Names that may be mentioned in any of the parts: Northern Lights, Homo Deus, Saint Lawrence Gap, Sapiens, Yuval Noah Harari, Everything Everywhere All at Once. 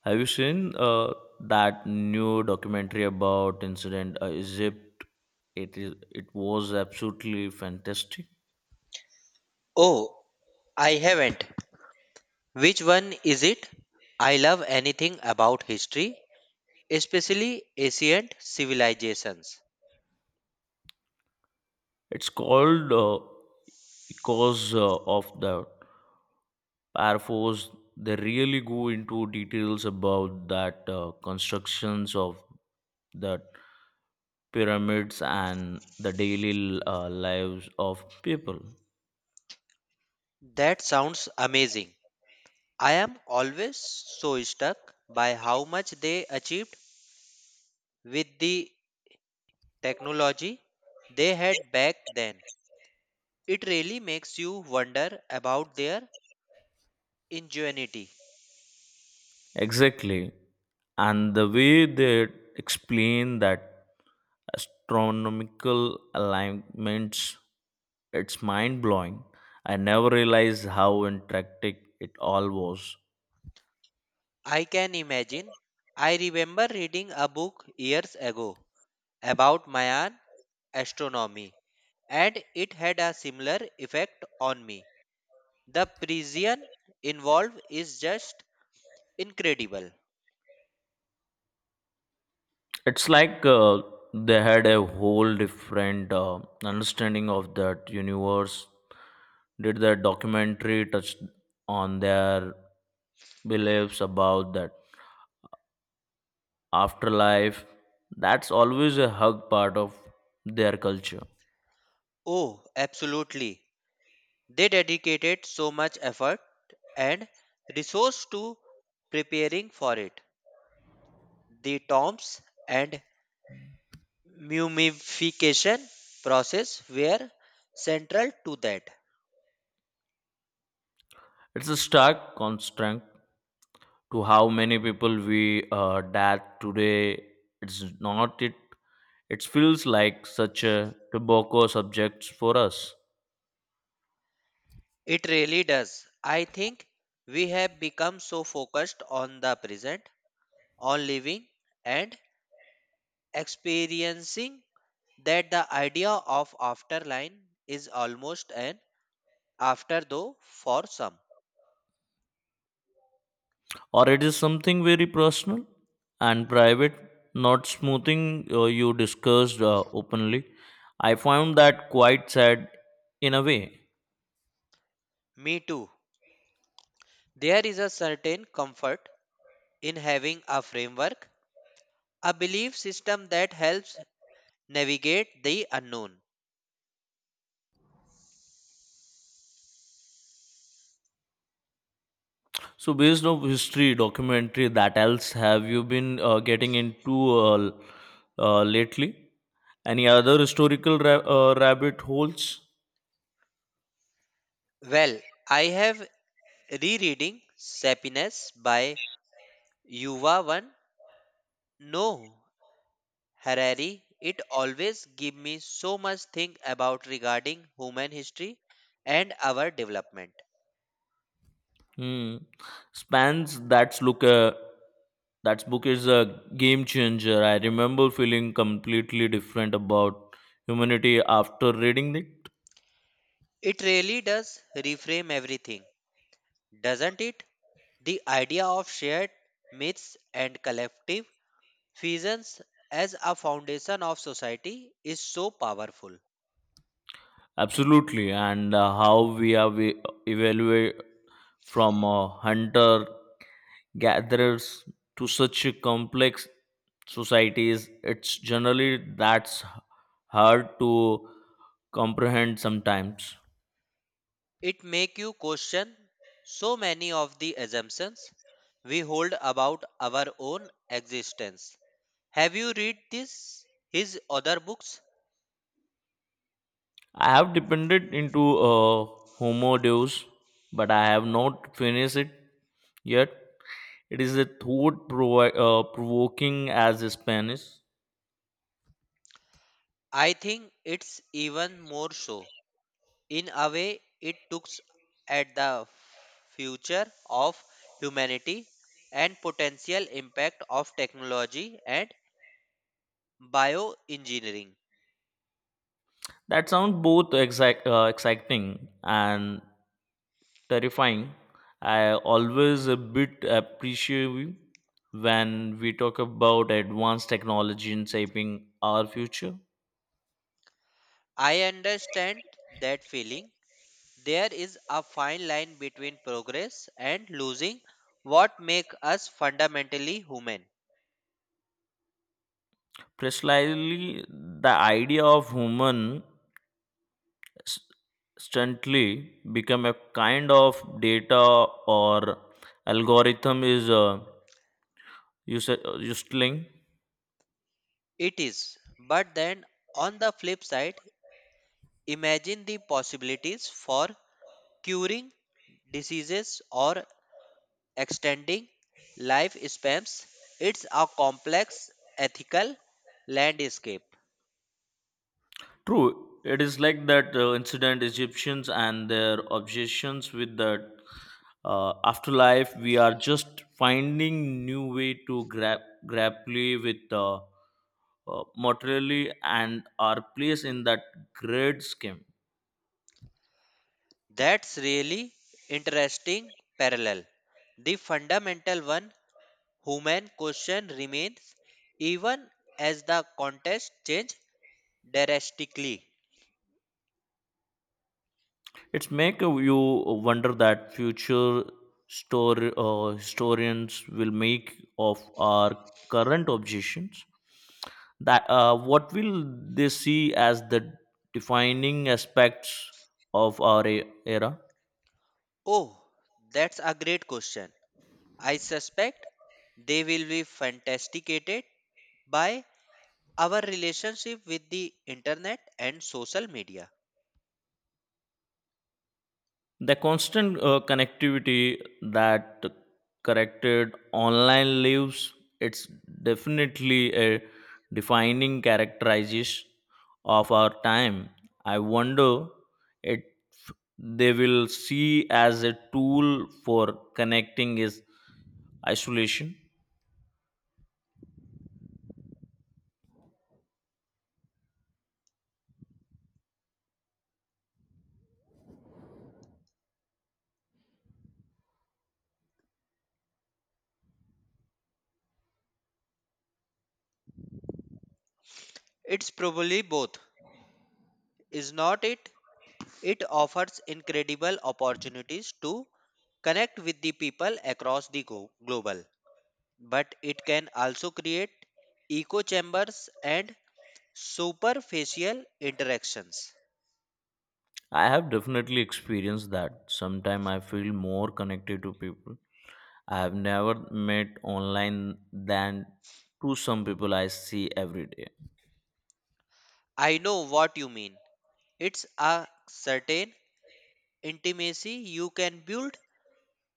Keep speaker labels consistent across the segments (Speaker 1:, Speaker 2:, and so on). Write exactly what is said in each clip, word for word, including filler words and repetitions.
Speaker 1: Have you seen uh, that new documentary about incident uh, Egypt? It is. It was absolutely fantastic.
Speaker 2: Oh, I haven't. Which one is it? I love anything about history, especially ancient civilizations.
Speaker 1: It's called uh, "Cause uh, of the Air Force." They really go into details about that uh, constructions of the pyramids and the daily uh, lives of people.
Speaker 2: That sounds amazing. I am always so struck by how much they achieved with the technology they had back then. It really makes you wonder about their ingenuity.
Speaker 1: Exactly. And the way they explain that astronomical alignments, it's mind blowing. I never realized how intricate it all was.
Speaker 2: I can imagine. I remember reading a book years ago about Mayan astronomy, and it had a similar effect on me. The precision involved is just incredible.
Speaker 1: It's like uh, they had a whole different uh, understanding of that universe. Did the documentary touch on their beliefs about that afterlife. That's always a hug part of their culture.
Speaker 2: Oh, absolutely. They dedicated so much effort and resource to preparing for it. The tombs and mummification process were central to that.
Speaker 1: It's a stark contrast to how many people we uh, that today. It's not it. It feels like such a tobacco subject for us,
Speaker 2: It really does. I think we have become so focused on the present, on living, and experiencing that the idea of afterline is almost an after though for some.
Speaker 1: or it is something very personal and private, not smoothing uh, you discussed uh, openly. I found that quite sad in a way.
Speaker 2: Me too. There is a certain comfort in having a framework, a belief system that helps navigate the unknown.
Speaker 1: So, based on history, documentary, that else, have you been uh, getting into uh, l- uh, lately? Any other historical ra- uh, rabbit holes?
Speaker 2: Well, I have rereading Sapiens by Yuval One No Harari. It always give me so much think about regarding human history and our development.
Speaker 1: Hmm. Spans. That's look. Uh, that book is a game changer. I remember feeling completely different about humanity after reading it.
Speaker 2: It really does reframe everything, doesn't it? The idea of shared myths and collective visions as a foundation of society is so powerful.
Speaker 1: Absolutely, and uh, how we have e-, evaluate from a hunter gathers to such a complex societies, it's generally that's hard to comprehend sometimes.
Speaker 2: It makes you question so many of the assumptions we hold about our own existence. Have you read this his other books?
Speaker 1: I have depended into uh, Homo Deus, but I have not finished it yet. It is a thought provi- uh, provoking as a Spanish.
Speaker 2: I think it's even more so. In a way, it looks at the future of humanity and potential impact of technology and bioengineering.
Speaker 1: That sounds both exact, uh, exciting and terrifying. I always a bit appreciative when we talk about advanced technology in shaping our future.
Speaker 2: I understand that feeling. There is a fine line between progress and losing what make us fundamentally human.
Speaker 1: Precisely, the idea of human s- instantly become a kind of data or algorithm is uh, use- uh, useless.
Speaker 2: It is. But then on the flip side, imagine the possibilities for curing diseases or extending life spans. It's a complex ethical landscape.
Speaker 1: True, it is like that uh, incident Egyptians and their obsessions with the uh, afterlife. We are just finding new way to gra- grapple with uh, uh, mortality and our place in that great scheme.
Speaker 2: That's really interesting parallel. The fundamental one human question remains even as the contest change drastically.
Speaker 1: It's make you wonder that future story uh, historians will make of our current obsessions that uh, what will they see as the defining aspects of our e- era.
Speaker 2: Oh, that's a great question. I suspect they will be fantasticated by our relationship with the internet and social media.
Speaker 1: The constant uh, connectivity that corrected online lives, it's definitely a defining characterization of our time. I wonder if they will see as a tool for connecting is isolation.
Speaker 2: It's probably both. Is not it? It offers incredible opportunities to connect with the people across the go- global, but it can also create echo chambers and superficial interactions.
Speaker 1: I have definitely experienced that. Sometimes I feel more connected to people I have never met online than to some people I see every day.
Speaker 2: I know what you mean. It's a certain intimacy you can build,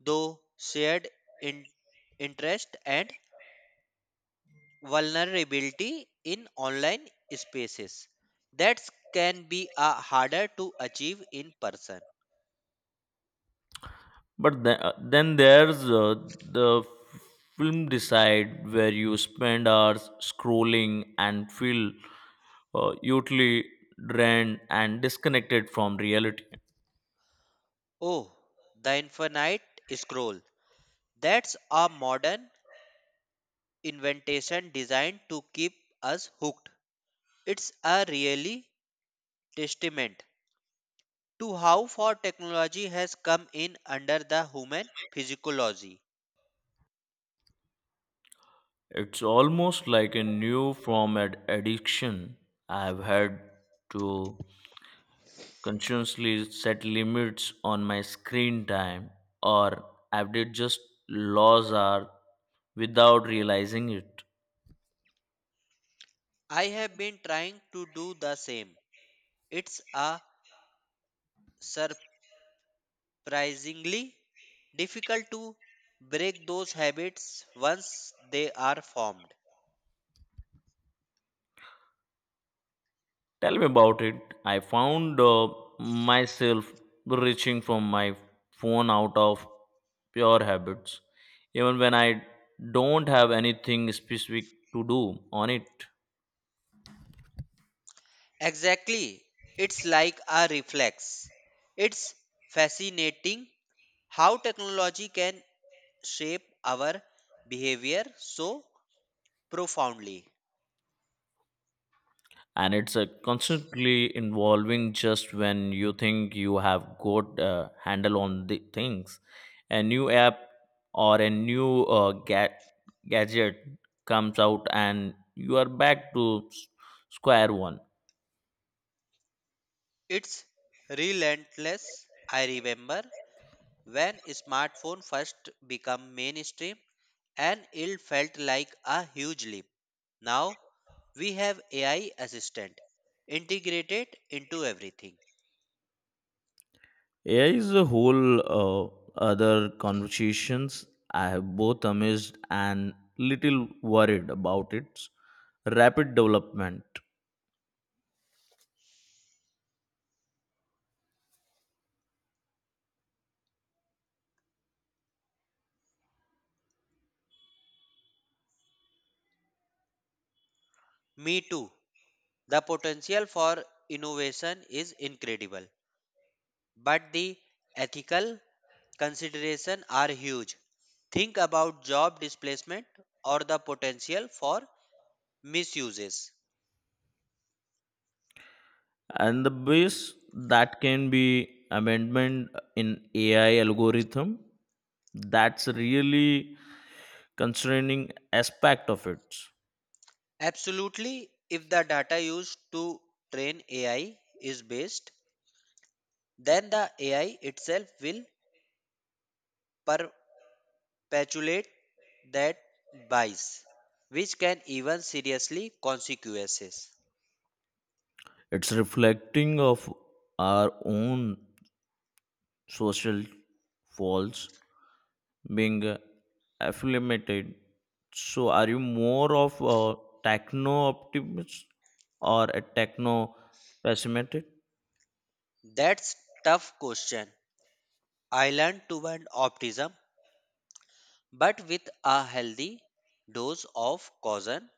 Speaker 2: though shared in- interest and vulnerability in online spaces that can be uh, harder to achieve in person.
Speaker 1: But the, uh, then there's uh, the f- film decide where you spend hours scrolling and feel uh, utterly drained and disconnected from reality.
Speaker 2: Oh, the infinite scroll. That's a modern invention designed to keep us hooked. It's a really testament to how far technology has come in under the human physiology.
Speaker 1: It's almost like a new form of addiction. I've had to consciously set limits on my screen time or I've did just laws are without realizing it.
Speaker 2: I have been trying to do the same. It's a surprisingly difficult to break those habits once they are formed.
Speaker 1: Tell me about it. I found uh, myself reaching for my phone out of pure habits, even when I don't have anything specific to do on it.
Speaker 2: Exactly, it's like a reflex. It's fascinating how technology can shape our behavior so profoundly.
Speaker 1: And it's a constantly involving just when you think you have got a handle on the things, a new app or a new uh, ga- gadget comes out and you are back to s- square one.
Speaker 2: It's relentless. I remember when smartphone first became mainstream, and it felt like a huge leap. Now we have A I assistant integrated into everything.
Speaker 1: A I is a whole uh, other conversations. I have both amazed and little worried about its rapid development.
Speaker 2: Me too. The potential for innovation is incredible, but the ethical considerations are huge. Think about job displacement or the potential for misuses.
Speaker 1: And the base that can be amendment in AI algorithm, that's really concerning aspect of it.
Speaker 2: Absolutely, if the data used to train A I is based then the A I itself will perpetuate that bias, which can even seriously consequences.
Speaker 1: It's reflecting of our own social faults being affiliated. So are you more of a techno optimist or a techno pessimist?
Speaker 2: That's tough question. I learned to ban optimism, but with a healthy dose of caution.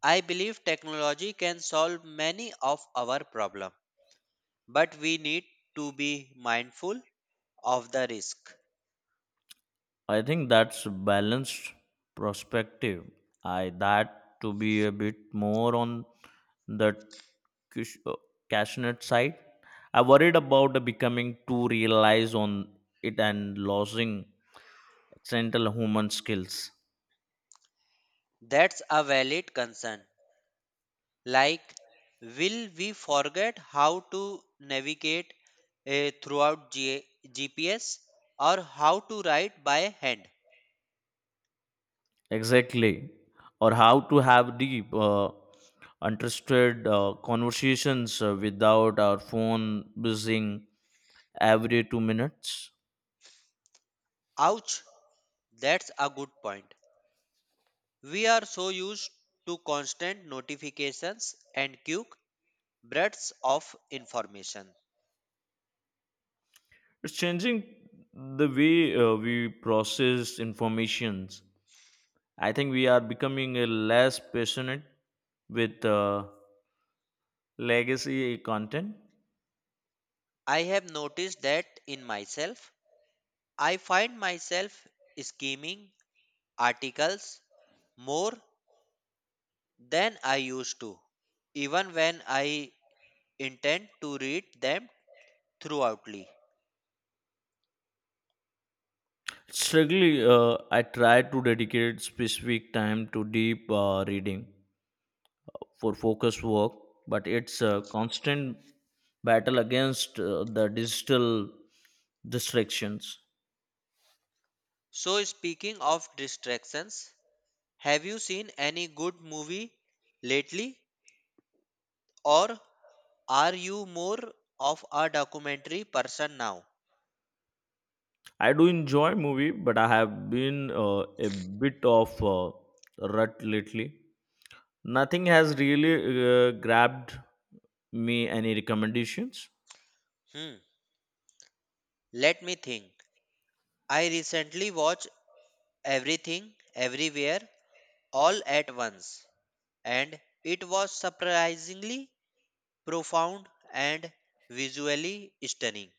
Speaker 2: I believe technology can solve many of our problems, but we need to be mindful of the risk.
Speaker 1: I think that's balanced perspective. I that to be a bit more on the cush- uh, cashnet side. I worried about the becoming too realized on it and losing essential human skills.
Speaker 2: That's a valid concern. Like will we forget how to navigate eh, throughout G- GPS or how to write by hand?
Speaker 1: Exactly, or how to have deep, uh, interested uh, conversations uh, without our phone buzzing every two minutes.
Speaker 2: Ouch, that's a good point. We are so used to constant notifications and quick bursts of information.
Speaker 1: It's changing the way uh, we process informations. I think we are becoming a less passionate with uh, legacy content.
Speaker 2: I have noticed that in myself. I find myself skimming articles more than I used to, even when I intend to read them thoroughly.
Speaker 1: Strictly uh, I try to dedicate specific time to deep uh, reading for focus work, but it's a constant battle against uh, the digital distractions.
Speaker 2: So, speaking of distractions, have you seen any good movie lately, or are you more of a documentary person now?
Speaker 1: I do enjoy movie but I have been uh, a bit of uh, rut lately. Nothing has really uh, grabbed me. Any recommendations?
Speaker 2: Hmm, let me think. I recently watched Everything, Everywhere, All at Once, and it was surprisingly profound and visually stunning.